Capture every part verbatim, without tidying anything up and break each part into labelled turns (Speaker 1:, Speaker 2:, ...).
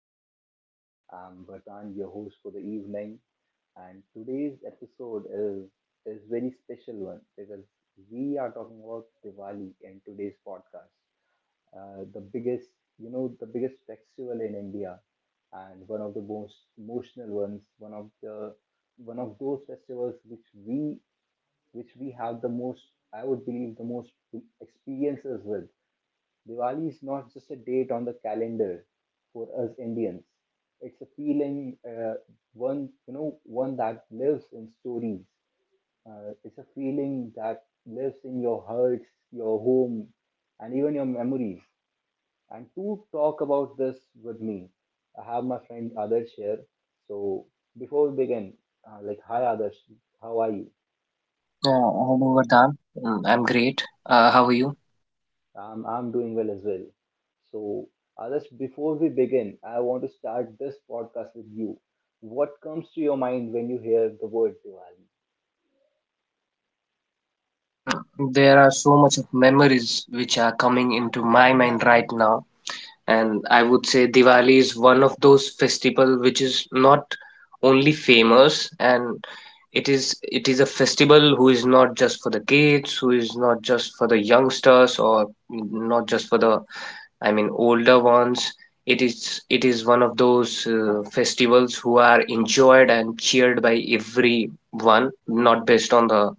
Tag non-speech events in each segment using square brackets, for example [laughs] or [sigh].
Speaker 1: podcast. I'm Vardhan, your host for the evening, and today's episode is is very special one because we are talking about Diwali in today's podcast. Uh, the biggest, you know, the biggest festival in India, and one of the most emotional ones. One of the one of those festivals which we which we have the most, I would believe, the most experiences with. Diwali is not just a date on the calendar for us Indians. It's a feeling, uh, one you know, one that lives in stories. Uh, it's a feeling that lives in your hearts, your home, and even your memories. And to talk about this with me, I have my friend Adarsh here. So before we begin, uh, like, hi Adarsh, how are you?
Speaker 2: Yeah, hello Vardhan. Mm, I'm great. Uh, how are you?
Speaker 1: I'm, I'm doing well as well. So, Adarsh, before we begin, I want to start this podcast with you. What comes to your mind when you hear the word Diwali?
Speaker 2: Mm, There are so much of memories which are coming into my mind right now, and I would say Diwali is one of those festival which is not only famous and it is it is a festival who is not just for the kids, who is not just for the youngsters or not just for the, I mean, older ones. It is it is one of those uh, festivals who are enjoyed and cheered by everyone, not based on the,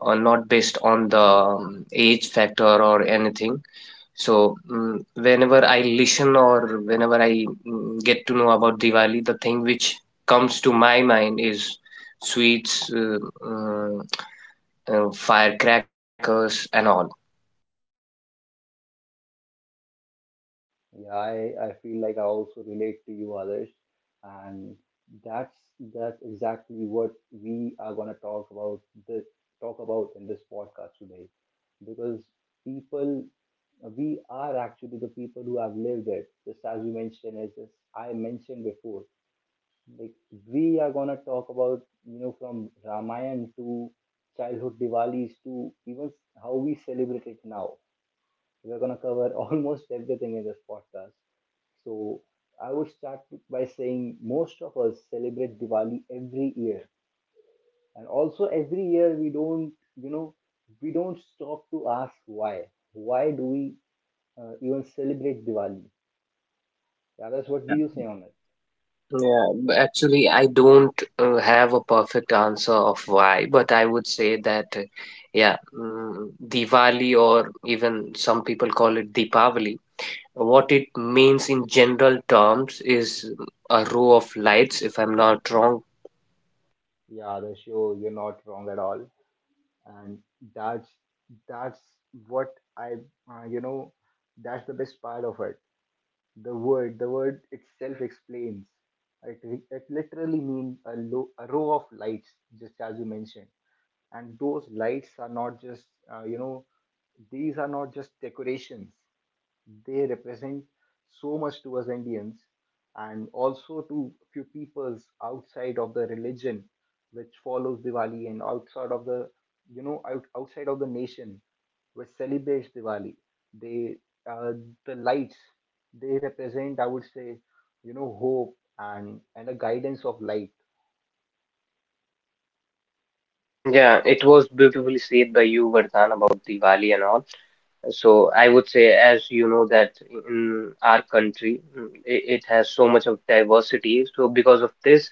Speaker 2: or not based on the um, age factor or anything. So mm whenever I listen or whenever I mm, get to know about Diwali, the thing which comes to my mind is sweets, uh, uh, uh, firecrackers, and all.
Speaker 1: Yeah, I, I feel like I also relate to you, Adarsh, and that's that's exactly what we are gonna talk about the talk about in this podcast today, because people we are actually the people who have lived it, just as you mentioned, as as I mentioned before. like we are gonna talk about, you know, from Ramayana to childhood Diwalis to even how we celebrate it now. We're gonna cover [laughs] almost everything in this podcast. So I would start by saying most of us celebrate Diwali every year, and also every year we don't you know we don't stop to ask why. Why do we uh, even celebrate Diwali? Others, what do
Speaker 2: Yeah.
Speaker 1: you say on it?
Speaker 2: Yeah, b- actually, I don't uh, have a perfect answer of why, but I would say that, uh, yeah, mm, Diwali, or even some people call it Deepavali. What it means in general terms is a row of lights, if I'm not wrong.
Speaker 1: Yeah, Adarsh, you you're not wrong at all. And that's that's what I uh, you know that's the best part of it. The word the word itself explains. It, re- it literally means a, lo- a row of lights, just as you mentioned. And those lights are not just, uh, you know these are not just decorations. They represent so much to us Indians, and also to few peoples outside of the religion which follows Diwali, and outside of the, you know out, outside of the nation which celebrates Diwali. They, uh, the lights, they represent, I would say, you know, hope and and a guidance of light.
Speaker 2: Yeah, it was beautifully said by you, Vardhan, about Diwali and all. So I would say, as you know, that in our country, mm, it, it has so much of diversity. So because of this,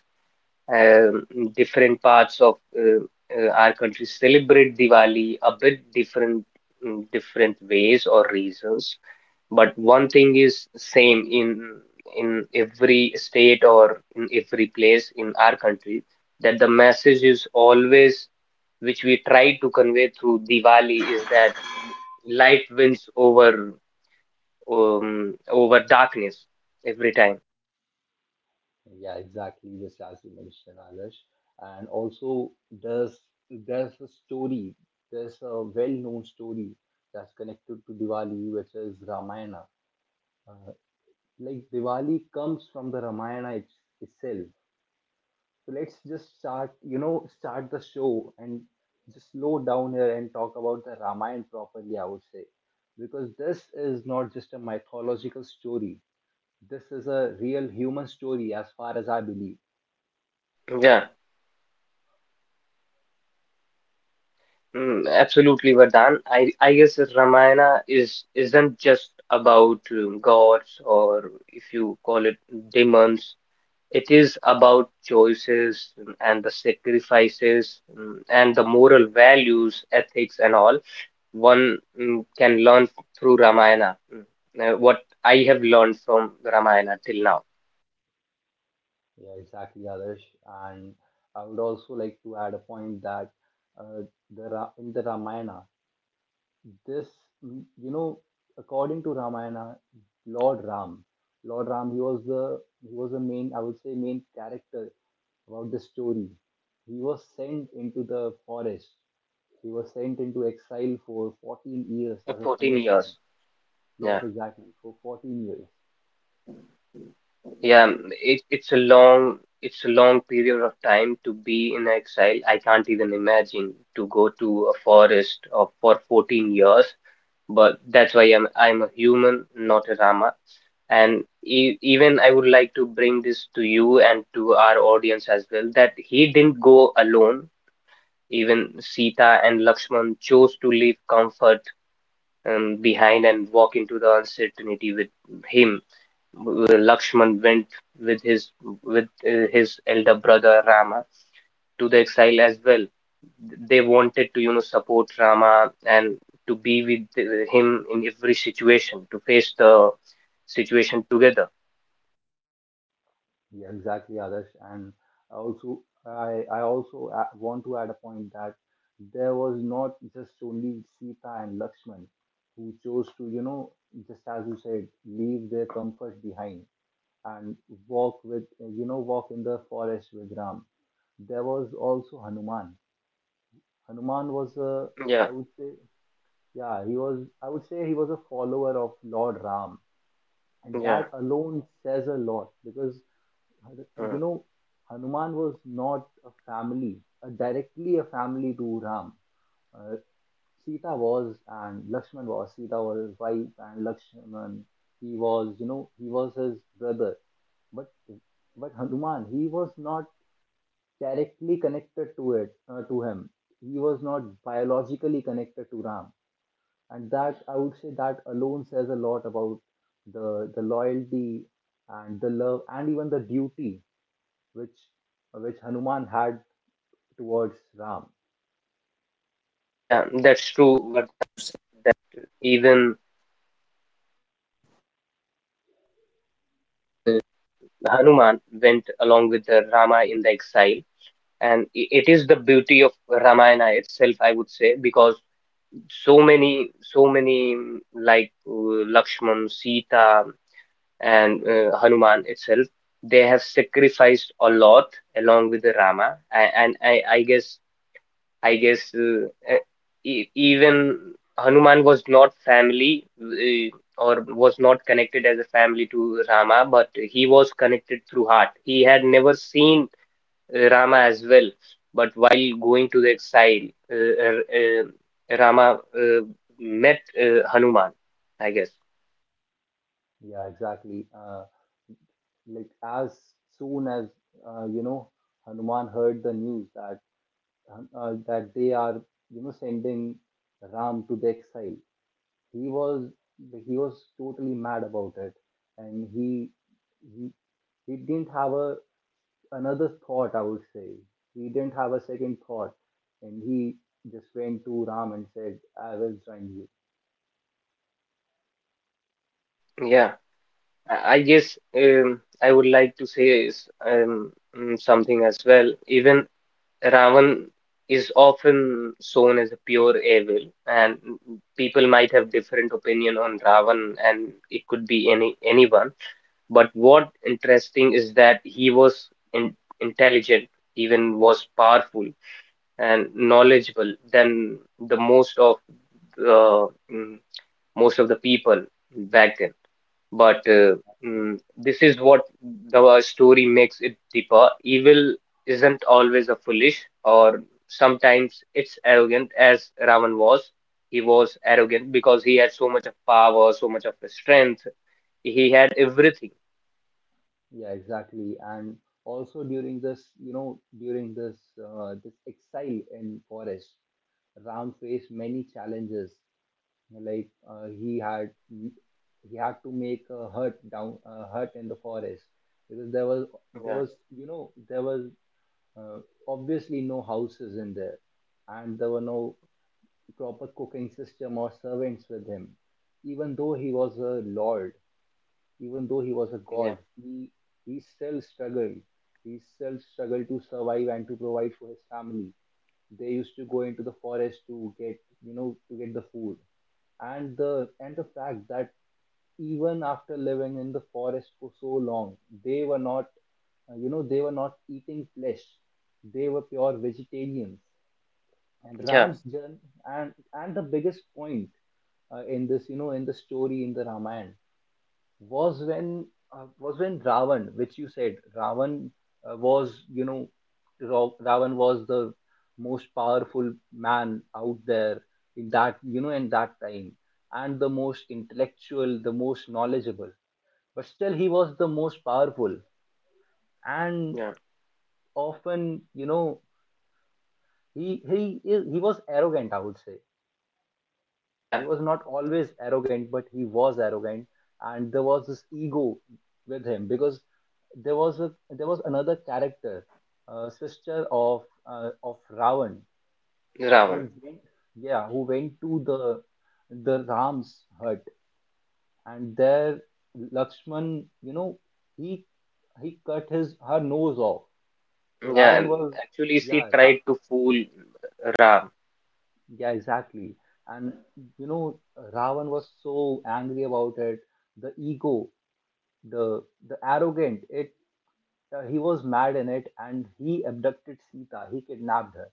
Speaker 2: um, different parts of uh, uh, our country celebrate Diwali a bit different, in different ways or reasons, but one thing is same in in every state or in every place in our country, that the message is always which we try to convey through Diwali is that light wins over um, over darkness every time.
Speaker 1: Yeah, exactly. Just as you mentioned, Alish. And also, there's there's a story. There's a well-known story that's connected to Diwali, which is Ramayana. Uh, like Diwali comes from the Ramayana it, itself. So let's just start, you know, start the show and just slow down here and talk about the Ramayana properly, I would say, because this is not just a mythological story. This is a real human story, as far as I believe.
Speaker 2: Yeah. Mm, absolutely, Vardhan. I I guess Ramayana is isn't just about um, gods or, if you call it, demons. It is about choices mm, and the sacrifices mm, and the moral values, ethics, and all one mm, can learn through Ramayana. Mm, uh, What I have learned from Ramayana till now.
Speaker 1: Yeah, exactly, Adarsh. And I would also like to add a point that, uh, the Ra- in the Ramayana, this, mm, you know, according to Ramayana, Lord Ram, Lord Ram, he was the he was the main, I would say, main character about the story. He was sent into the forest. He was sent into exile for fourteen years as a punishment.
Speaker 2: Yeah,
Speaker 1: Yes, exactly, for fourteen years.
Speaker 2: yeah. I'm- It's rough to go to a forest, but I'm a human, not a Rama. And e even I would like to bring this to you and to our audience as well that he didn't go alone. Even Sita and Lakshman chose to leave comfort um, behind and walk into the uncertainty with him. W- Lakshman went with his with uh, his elder brother Rama to the exile as well. They wanted to, you know, support Rama and to be with uh, him in every situation, to face the situation together.
Speaker 1: Yeah, exactly, Adarsh. And also, I, I also a- want to add a point that there was not just only Sita and Lakshman who chose to, you know, just as you said, leave their comfort behind and walk with, you know, walk in the forest with Ram. There was also Hanuman. Hanuman was a,
Speaker 2: Yeah,
Speaker 1: I would say, yeah, he was, I would say he was a follower of Lord Ram. And
Speaker 2: yeah.
Speaker 1: that alone says a lot because, you
Speaker 2: Mm.
Speaker 1: know, Hanuman was not a family, uh, directly a family to Ram. Uh, Sita was, and Lakshman was. Sita was his wife, and Lakshman, he was, you know, he was his brother. But but Hanuman, he was not directly connected to it, uh, to him. He was not biologically connected to Ram, and that, I would say that alone says a lot about the the loyalty and the love and even the duty which which Hanuman had towards Ram.
Speaker 2: Yeah, that's true of Ramayana itself, I would say, because so many, so many mm, like uh, Lakshman, Sita, and uh, Hanuman itself, they have sacrificed a lot along with the Rama, and, and I, I guess, I guess, uh, uh, e- even Hanuman was not family uh, or was not connected as a family to Rama, but he was connected through heart. He had never seen Rama as well. But while going to the exile, uh, uh, uh, Rama uh, met uh, Hanuman, I guess.
Speaker 1: Yeah, exactly. Uh, like as soon as, uh, you know, Hanuman heard the news that, uh, that they are, you know, sending Ram to the exile. He was he was totally mad about it, and he he he didn't have a another thought. I would say he didn't have a second thought, and he just went to Ram and said, "I will join you."
Speaker 2: Yeah, I I guess um, I would like to say is, um, mm, something as well. Even Ravan is often shown as a pure evil, and people might have different opinion on Ravan, and it could be any anyone. But what interesting is that he was in, intelligent, even was powerful and knowledgeable than the most of uh, mm, most of the people back then. But
Speaker 1: Yeah,
Speaker 2: uh,
Speaker 1: exactly.
Speaker 2: mm, this is what the story makes it deeper. Evil isn't always a foolish, or sometimes it's arrogant, as Ravan was. He was arrogant because he had so much of power, so much of strength. He had everything.
Speaker 1: Yeah, exactly. And also during this, you know, during this, uh, this exile in forest, Ram faced many challenges. Like uh, he had he had to make a hut down a hut in the forest because there was there
Speaker 2: Yeah,
Speaker 1: was you know there was, uh, obviously no houses in there, and there were no proper cooking system or servants with him. Even though he was a lord, even though he was a
Speaker 2: yeah,
Speaker 1: god, he he still struggled. He still struggled to survive and to provide for his family. They used to go into the forest to get, you know to get the food, and the and the fact that even after living in the forest for so long, they were not, uh, you know they were not eating flesh. They were pure vegetarians. And
Speaker 2: yeah,
Speaker 1: Ram's journey, and and the biggest point, uh, in this you know in the story in the Ramayana was when, uh, was when Ravan, which you said Ravan, uh, was you know Ra- Ravan was the most powerful man out there in that you know in that time, and the most intellectual, the most knowledgeable. But still, he was the most powerful, and
Speaker 2: yeah,
Speaker 1: often, you know, he he is- he was arrogant, I would say.
Speaker 2: yeah.
Speaker 1: He was not always arrogant, but he was arrogant, and there was this ego with him because there was a there was another character, uh, sister of uh, of Ravan,
Speaker 2: Ravan.
Speaker 1: who went yeah who went to the the Ram's hut, and there Lakshman, you know, he he cut his her nose off. So
Speaker 2: Yeah,
Speaker 1: Ravan
Speaker 2: and
Speaker 1: was
Speaker 2: actually, she
Speaker 1: yeah Ra-
Speaker 2: tried to fool Ram.
Speaker 1: yeah exactly, and, you know, Ravan was so angry about it. The ego, the the arrogant it uh, he was mad in it, and he abducted Sita. He kidnapped her.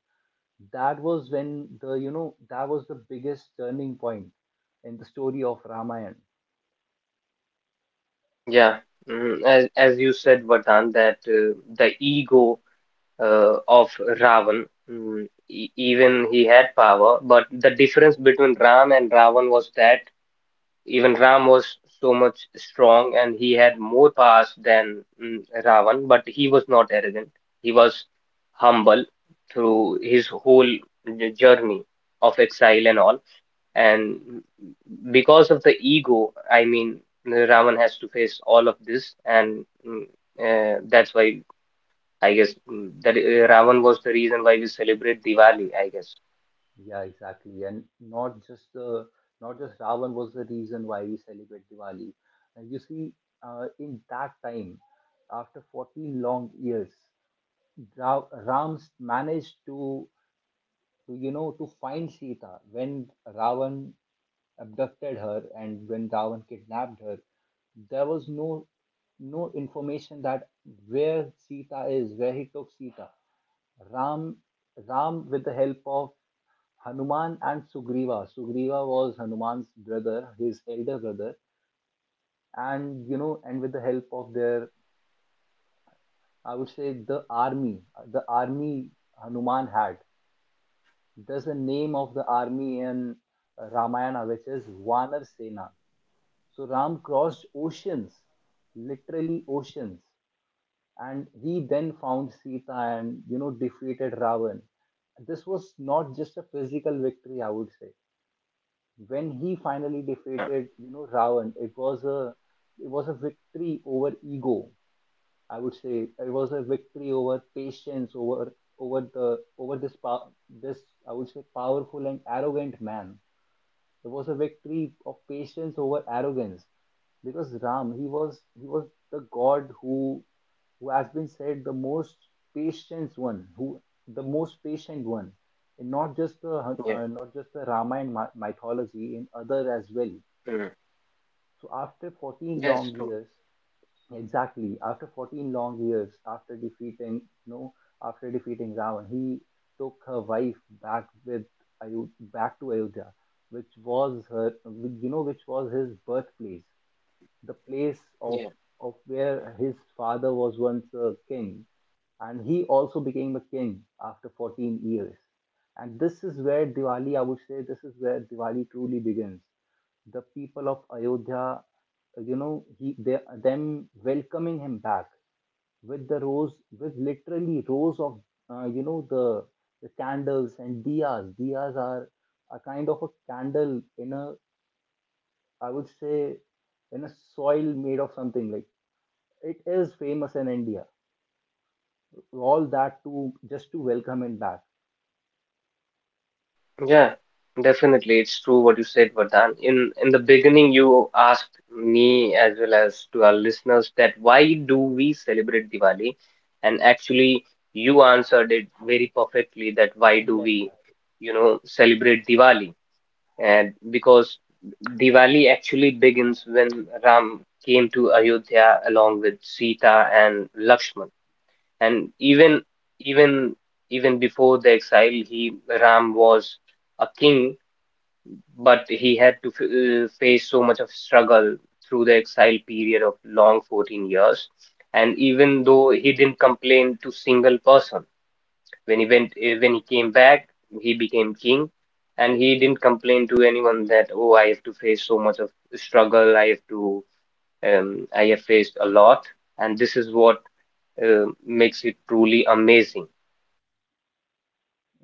Speaker 1: That was when, the you know that was the biggest turning point in the story of Ramayana.
Speaker 2: Yeah, mm, as as you said, Vardhan, that uh, the ego uh, of Ravan, mm, e even he had power, but the difference between Ram and Ravan was that even Ram was so much strong and he had more powers than mm, Ravan, but he was not arrogant. He was humble through his whole j- journey of exile and all. And because of the ego, I mean, Ravan has to face all of this, and mm, uh, that's why I guess mm, that uh, Ravan was the reason why we celebrate Diwali, I guess.
Speaker 1: Yeah, exactly. And not just the not just Ravan was the reason why we celebrate Diwali. And you see, uh, in that time, after forty long years, Ra- Ram managed to to, you know, to find Sita. When Ravan abducted her and when Ravan kidnapped her, there was no no information that where Sita is, where he took Sita. Ram Ram with the help of Hanuman and Sugriva. Sugriva was Hanuman's brother, his elder brother, and, you know, and with the help of their, I would say the army, the army Hanuman had. There's a name of the army in Ramayana which is Vanar Sena. So Ram crossed oceans, literally oceans, and he then found Sita and, you know, defeated Ravan. This was not just a physical victory, I would say. When he finally
Speaker 2: Yeah,
Speaker 1: defeated, you know, Ravan, it was a it was a victory over ego. I would say it was a victory over patience, over over the over this pow- this I would say powerful and arrogant man. It was a victory of patience over arrogance, because Ram, he was he was the god who who has been said the most patient one, who the most patient one, in not just the
Speaker 2: yeah,
Speaker 1: uh, not just the Ramayana mythology, in other as well.
Speaker 2: mm.
Speaker 1: So after fourteen
Speaker 2: That's
Speaker 1: long
Speaker 2: true.
Speaker 1: years. Exactly. After fourteen long years, after defeating no, after defeating Ravan, he took her wife back with Ayo- back to Ayodhya, which was her, you know, which was his birthplace, the place
Speaker 2: Yeah,
Speaker 1: of of where his father was once a king, and he also became a king after fourteen years. And this is where Diwali, I would say, this is where Diwali truly begins. The people of Ayodhya, you know he they, them welcoming him back with the rows, with literally rows of, uh, you know the the candles and diyas. Diyas are a kind of a candle in a, I would say, in a soil made of something like, it is famous in India. All that to just to welcome it back.
Speaker 2: yeah, definitely, it's true what you said, Vardhan. In in the beginning, you asked me as well as to our listeners that why do we celebrate Diwali? And actually, you answered it very perfectly that why do
Speaker 1: Yeah,
Speaker 2: we,
Speaker 1: exactly.
Speaker 2: you know, celebrate Diwali? And because Diwali actually begins when Ram came to Ayodhya along with Sita and Lakshman. And even even even before the exile, he ram was a king, but he had to f- uh, face so much of struggle through the exile period of long fourteen years, and even though he didn't complain to single person. When he went, uh, when he came back, he became king, and he didn't complain to anyone that, oh, I have to face so much of struggle, i have to um, I have faced a lot, and this is what uh, makes it truly amazing.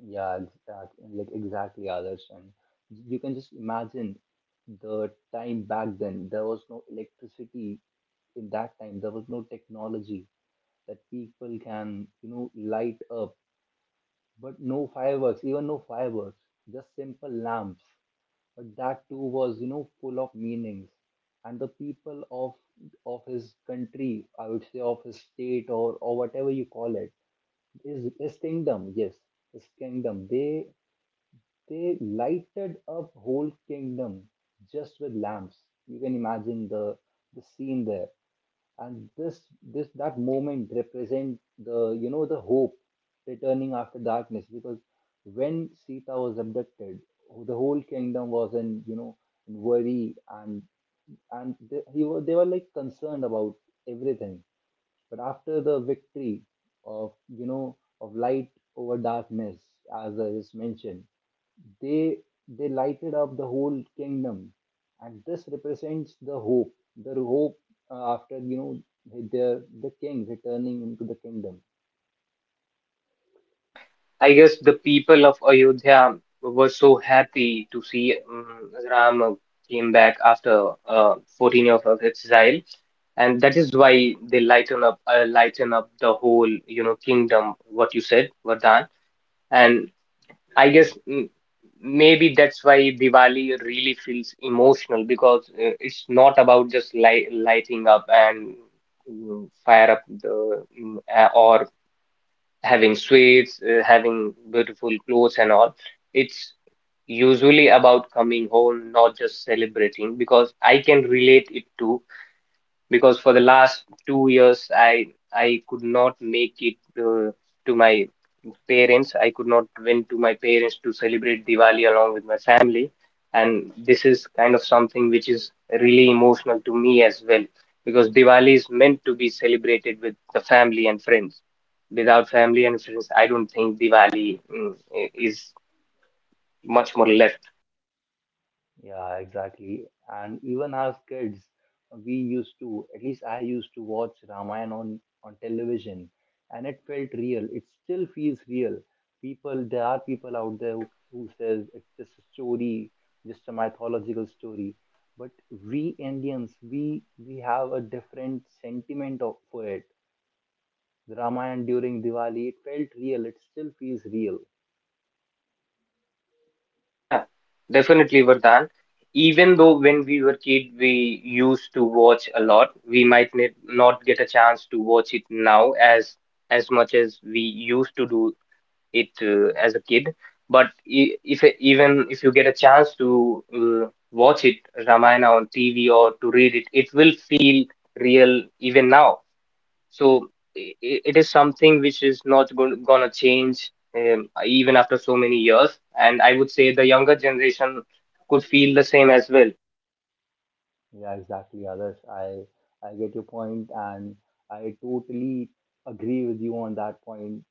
Speaker 1: Yeah, exactly. Like exactly, others, and you can just imagine the time back then. There was no electricity in that time. There was no technology that people can, you know, light up, but no fireworks, even no fireworks, just simple lamps. But that too was you know full of meanings, and the people of of his country, I would say, of his state or or whatever you call it, his, his kingdom. Yes. His kingdom, they they lighted up whole kingdom, just with lamps. You can imagine the the scene there, and this this that moment represent the you know the hope returning after darkness, because when Sita was abducted, the whole kingdom was in you know in worry, and and they, he were, they were like concerned about everything. But after the victory of you know of light over darkness, as I just mentioned, they they lighted up the whole kingdom, and this represents the hope the hope, uh, after you know their the king returning into the kingdom.
Speaker 2: Yeah, I guess the people of Ayodhya were so happy to see um, Rama came back after uh, fourteen years of exile, and that is why they lighten up uh, lighten up the whole you know kingdom. What you said, Vardhan, and I
Speaker 1: Yes.
Speaker 2: guess mm, maybe that's why Diwali really feels emotional, because uh, it's not about just light, lighting up and mm, fire up the mm, uh, or having sweets, uh, having beautiful clothes and all. It's usually about coming home, not just celebrating, because I can relate it to, because for the last two years I I could not make it uh, to my parents. I could not went to my parents to celebrate Diwali along with my family, and this is kind of something which is really emotional to me as well, because Diwali is meant to be celebrated with the family and friends. Without family and friends, I don't think Diwali mm, i- is much more left.
Speaker 1: Yeah, exactly. And even as kids, we used to, at least I used to watch Ramayana on, on television, and it felt real. It still feels real. People, there are people out there who, who says it's just a story, just a mythological story. But we Indians, we we have a different sentiment of, for it. The Ramayana during Diwali, it felt real. It still feels real.
Speaker 2: Yeah, definitely, Vardhan. Even though when we were kid, we used to watch a lot, we might ne not get a chance to watch it now as as much as we used to do it uh, as a kid. But I- if e- even if you get a chance to uh, watch it, Ramayana on T V or to read it, it will feel real even now. So i- i- it is something which is not going gonna change um, even after so many years. And I would say the younger generation could feel the same as well.
Speaker 1: Yeah, exactly, Others, I I get your point, and I totally agree with you on that point.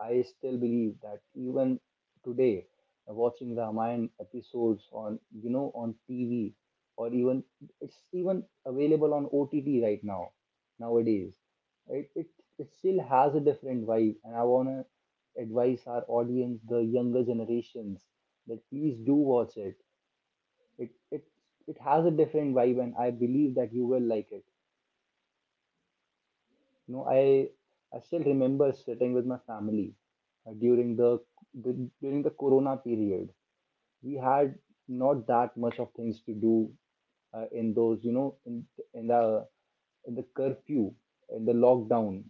Speaker 1: I still believe that even today, uh, watching Ramayana episodes on you know on T V, or even it's even available on O T T right now nowadays. It it, it still has a different vibe, and I wanna advise our audience, the younger generations, that please do watch it it it it has a different vibe, and I believe that you will like it. You know i i still remember sitting with my family, uh, during the, the during the corona period. We had not that much of things to do, uh, in those, you know in in the in the curfew, in the lockdown,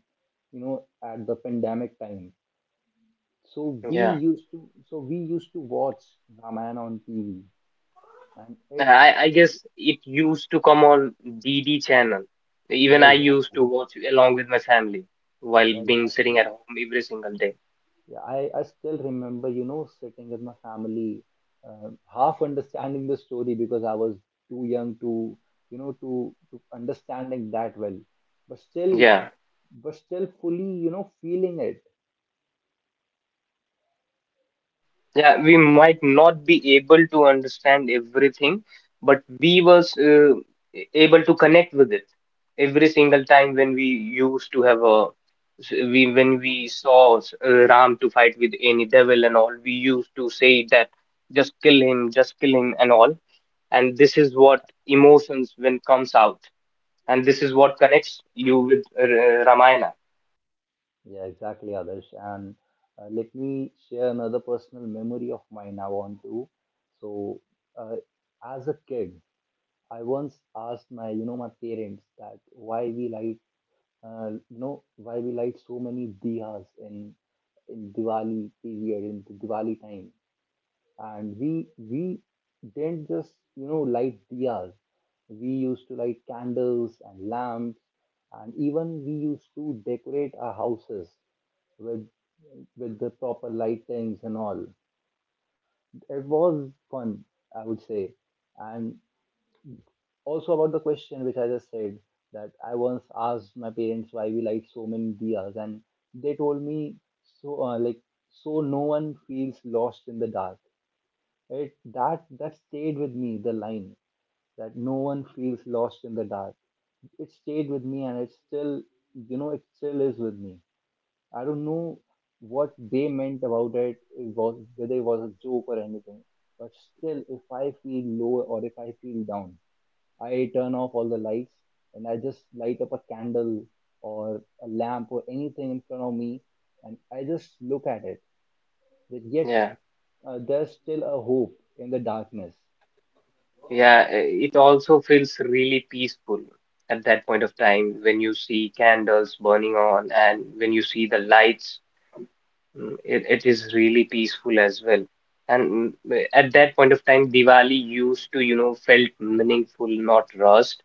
Speaker 1: you know at the pandemic time. so we
Speaker 2: Yeah,
Speaker 1: used to so we used to watch Ramayana on TV, and it.
Speaker 2: I, I guess it used to come on D D channel. Even
Speaker 1: Yeah,
Speaker 2: I used to
Speaker 1: exactly.
Speaker 2: watch along with my family while
Speaker 1: Yeah,
Speaker 2: being sitting
Speaker 1: exactly.
Speaker 2: at home every single day.
Speaker 1: Yeah, I, I still remember, you know, sitting with my family, uh, half understanding the story, because I was too young to, you know, to to understanding that well, but still,
Speaker 2: Yeah.
Speaker 1: but still fully, you know, feeling it.
Speaker 2: Yeah, we might not be able to understand everything, but we was uh, able to connect with it every single time. When we used to have a we when we saw uh, Ram to fight with any devil and all, we used to say that just kill him, just kill him and all. And this is
Speaker 1: Yeah,
Speaker 2: what emotions when comes out, and this is what connects you with uh, Ramayana.
Speaker 1: yeah, exactly, Adarsh. And uh, let me share another personal memory of mine I want to. So, uh, as a kid, I once asked my, you know, my parents that why we like uh, you know why we light so many diyas, in in Diwali period, in the Diwali time, and we we didn't just you know light diyas. We used to light candles and lamps, and even we used to decorate our houses with with the proper lightings and all. It was fun, I would say. And also, about the question which I just said, that I once asked my parents why we light so many diyas, and they told me, so uh, like so no one feels lost in the dark. It that that stayed with me, the line that no one feels lost in the dark. It stayed with me, and it still you know it still is with me. I don't know what they meant about it. It was whether it was a joke or anything. But still, if I feel low or if I feel down, I turn off all the lights, and I just light up a candle or a lamp or anything in front of me, and I just look at it. But yet,
Speaker 2: Yeah.
Speaker 1: uh, there's still a hope in the darkness.
Speaker 2: Yeah, eh, it also feels really peaceful at that point of time when you see candles burning on and when you see the lights. Mm, It, it is really peaceful as well. And mm, at that point of time, Diwali used to, you know, felt meaningful, not rushed.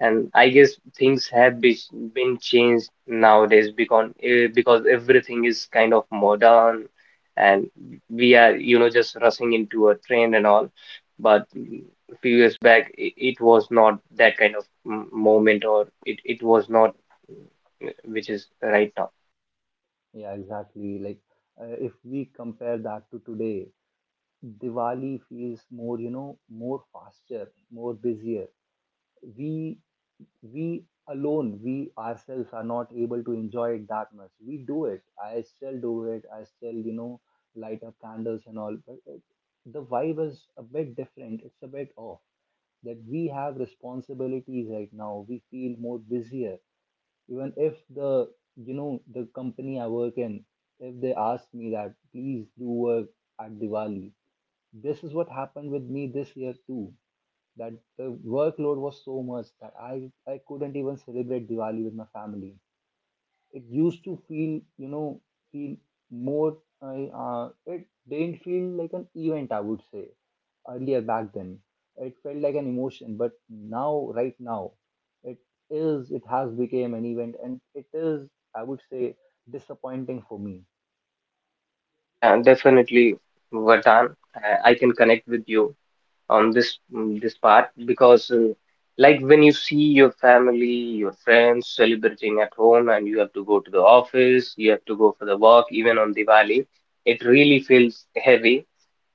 Speaker 2: And I guess things have be, been changed nowadays, because eh, because everything is kind of modern, and we are, you know, just rushing into a trend and all. But mm, a few years back, it, it was not that kind of mm, moment, or it, it was not eh, which is right now.
Speaker 1: Yeah, exactly. Like, uh, if we compare that to today, Diwali feels more, you know, more faster, more busier. We we alone, we ourselves are not able to enjoy it that much. We do it. I still do it. I still, you know, light up candles and all. But it, the vibe is a bit different. It's a bit off, that we have responsibilities right now. We feel more busier. Even if the, you know, the company I work in, if they ask me that, please do work at Diwali. This is what happened with me this year too, that the workload was so much that I, I couldn't even celebrate Diwali with my family. It used to feel, you know, feel more, I, uh, it didn't feel like an event, I would say, earlier back then. It felt like an emotion, but now, right now, it is, it has become an event, and it is, I would say, disappointing for me.
Speaker 2: Yeah, definitely, Vardhan. I I can connect with you on this mm, this part because, uh, like, when you see your family, your friends celebrating at home, and you have to go to the office, you have to go for the work, even on Diwali, it really feels heavy.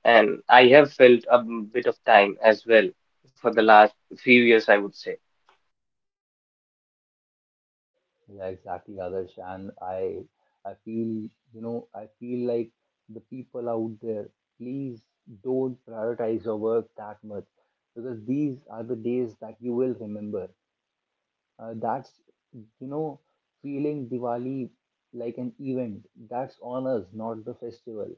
Speaker 2: And I have felt a m- bit of time as well for the last few years, I would say.
Speaker 1: Yeah, exactly, Adarsh. And I, I feel, you know, I feel like, the people out there, please don't prioritize your work that much, because these are the days that you will remember. Uh, that's, you know, feeling Diwali like an event. That's on us, not the festival.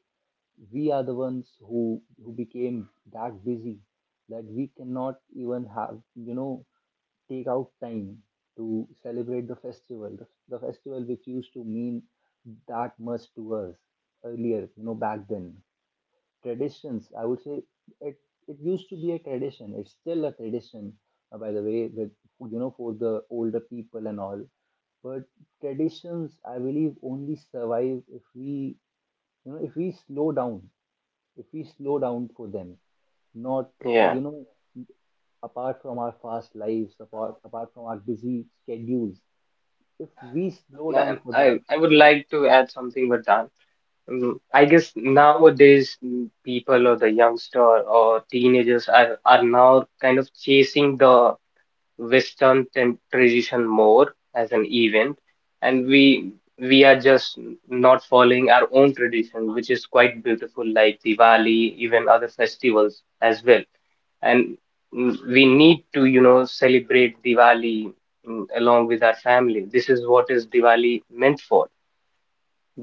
Speaker 1: We are the ones who who became that busy that we cannot even have, you know, take out time to celebrate the festival, the, the festival which used to mean that much to us earlier, you know, back then. Traditions, I would say, it, it used to be a tradition. It's still a tradition, uh, by the way, with, you know, for the older people and all. But traditions, I believe, only survive if we, you know, if we slow down, if we slow down for them. Not, uh,
Speaker 2: Yeah,
Speaker 1: you know, apart from our fast lives, apart, apart from our busy schedules, if we slow
Speaker 2: I
Speaker 1: down for
Speaker 2: I
Speaker 1: them,
Speaker 2: I would
Speaker 1: they.
Speaker 2: like to add something, Vardhan. Mm, I
Speaker 1: Yeah.
Speaker 2: guess nowadays mm, people or the youngster or teenagers are, are now kind of chasing the Western ten- tradition more as an event, and we we are just not following our own tradition, which is quite beautiful, like Diwali, even other festivals as well. And mm, we need to, you know, celebrate Diwali mm, along with our family. This is what is Diwali meant for.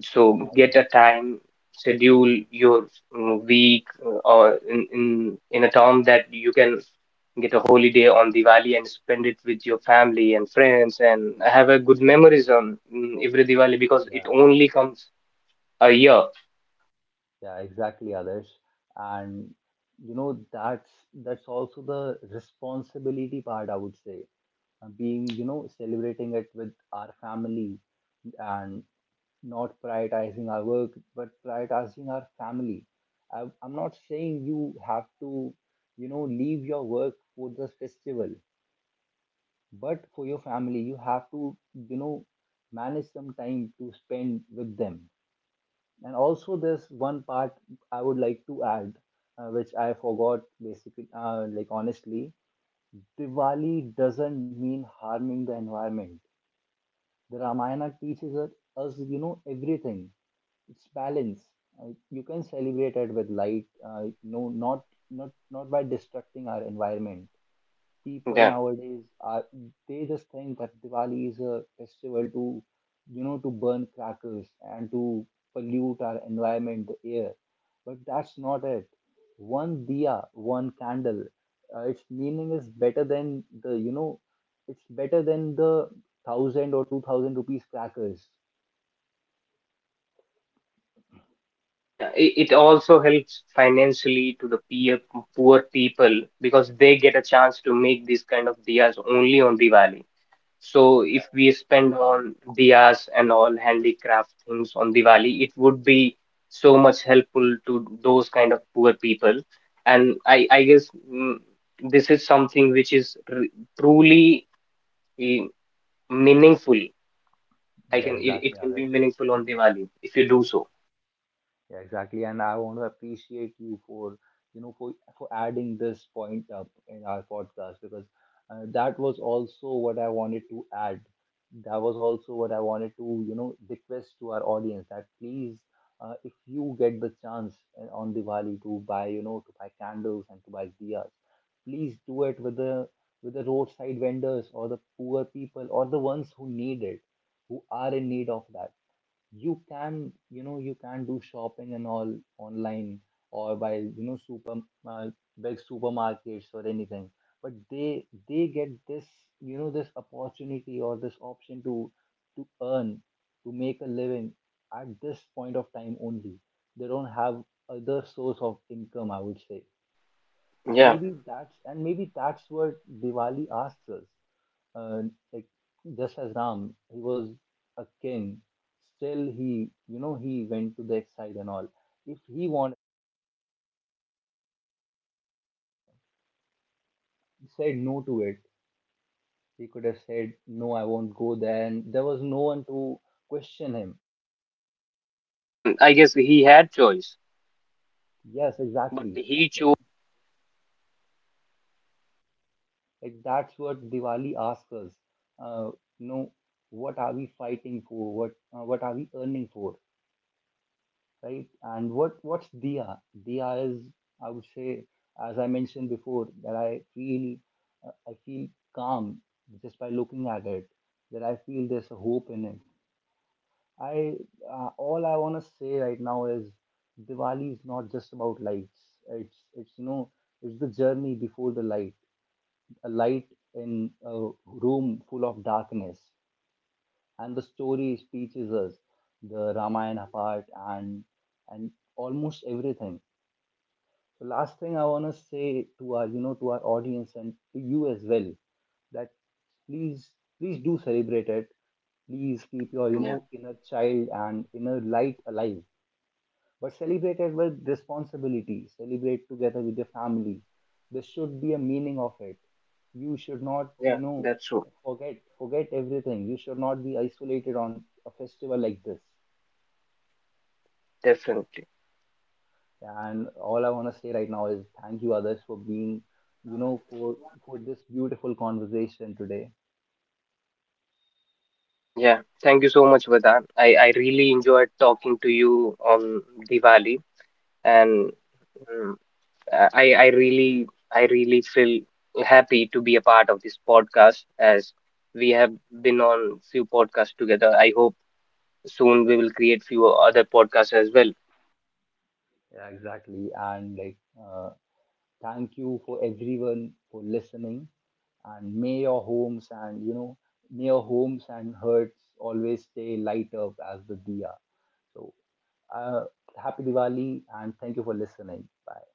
Speaker 2: So
Speaker 1: Yeah,
Speaker 2: get a
Speaker 1: exa-
Speaker 2: time, schedule your mm, week uh, or in, in in a term that you can get a holiday on Diwali and spend it with your family and friends and have a good memories on mm, every Diwali, because it
Speaker 1: yeah,
Speaker 2: only comes a year.
Speaker 1: yeah, exactly, others, and you know that's that's also the responsibility part, I would say. Uh, being, you know celebrating it with our family, and not prioritizing our work but prioritizing our family. I, I'm not saying you have to, you know leave your work for the festival, but for your family you have to, you know manage some time to spend with them. And also, there's one part I would like to add, uh, which I forgot basically, uh, like honestly, Diwali doesn't mean harming the environment. The Ramayana teaches us us, you know, everything. It's balance. Uh, you can celebrate it with light, uh, no, not not not by destructing our environment. People
Speaker 2: Yeah.
Speaker 1: nowadays are, they just think that Diwali is a festival to you know to burn crackers and to pollute our environment, the air. But that's not it. One diya, one candle, uh, its meaning is better than the you know, it's better than the thousand or two thousand rupees crackers.
Speaker 2: Yeah, it, it also helps financially to the peer, poor people, because they get a chance to make this kind of diyas only on Diwali. So if we spend on diyas and all handicraft things on Diwali, it would be so much helpful to those kind of poor people. And I, I guess mm, this is something which is r truly eh, meaningful. I
Speaker 1: Yeah,
Speaker 2: can it, it
Speaker 1: exactly,
Speaker 2: can be
Speaker 1: Adarsh.
Speaker 2: meaningful on Diwali if you do so.
Speaker 1: Yeah, exactly. And I want to appreciate you for, you know, for for adding this point up in our podcast, because uh, that was also what I wanted to add. That was also what I wanted to, you know, request to our audience that please, uh, if you get the chance uh, on Diwali to buy, you know, to buy candles and to buy diyas, please do it with the, with the roadside vendors, or the poor people, or the ones who need it, who are in need of that. You can, you know you can do shopping and all online, or by, you know super uh, big supermarkets or anything. But they they get this, you know this opportunity, or this option, to to earn, to make a living, at this point of time only. They don't have other source of income, I would say. and
Speaker 2: Yeah,
Speaker 1: maybe that's and maybe that's what Diwali asks us, uh, like just as Ram, he was a king. Still, he you know he went to the exercise and all. If he wanted, he said no to it. He could have said no, I won't go there, and there was no one to question him.
Speaker 2: yeah. And I guess he had choice,
Speaker 1: Yes,
Speaker 2: but
Speaker 1: exactly.
Speaker 2: he chose.
Speaker 1: Like, that's what Diwali asks us. Uh, you know, what are we fighting for? What uh, what are we earning for? Right? And what what's Diya? Diya is, I would say, as I mentioned before, that I feel uh, I feel calm just by looking at it. That I feel there's a hope in it. I uh, All I want to say right now is, Diwali is not just about lights. It's it's you know it's the journey before the light, a light in a room full of darkness, and the story teaches us the Ramayana part, and and almost everything. The last thing I want to say to our, you know, to our audience, and to you as well, that please, please do celebrate it. Please keep your, you
Speaker 2: Yeah,
Speaker 1: know, inner child and inner light alive, but celebrate it with responsibility. Celebrate together with your family. There should be a meaning of it. You should not, you
Speaker 2: yeah.
Speaker 1: know,
Speaker 2: That's true.
Speaker 1: forget, forget everything. You should not be isolated on a festival like this.
Speaker 2: Definitely.
Speaker 1: Yeah, and all I want to say right now is, thank you, others, for being, you know, for for this beautiful conversation today.
Speaker 2: Yeah, thank you so much, Vedant. I, I really enjoyed talking to you on Diwali, and mm, I I really I really feel happy to be a part of this podcast, as we have been on few podcasts together. I hope soon we will create few other podcasts as well.
Speaker 1: Yeah, exactly. And like, uh, thank you for everyone for listening. And may your homes and you know, may your homes and hearts always stay light up as the diya. So, uh, happy Diwali and thank you for listening. Bye.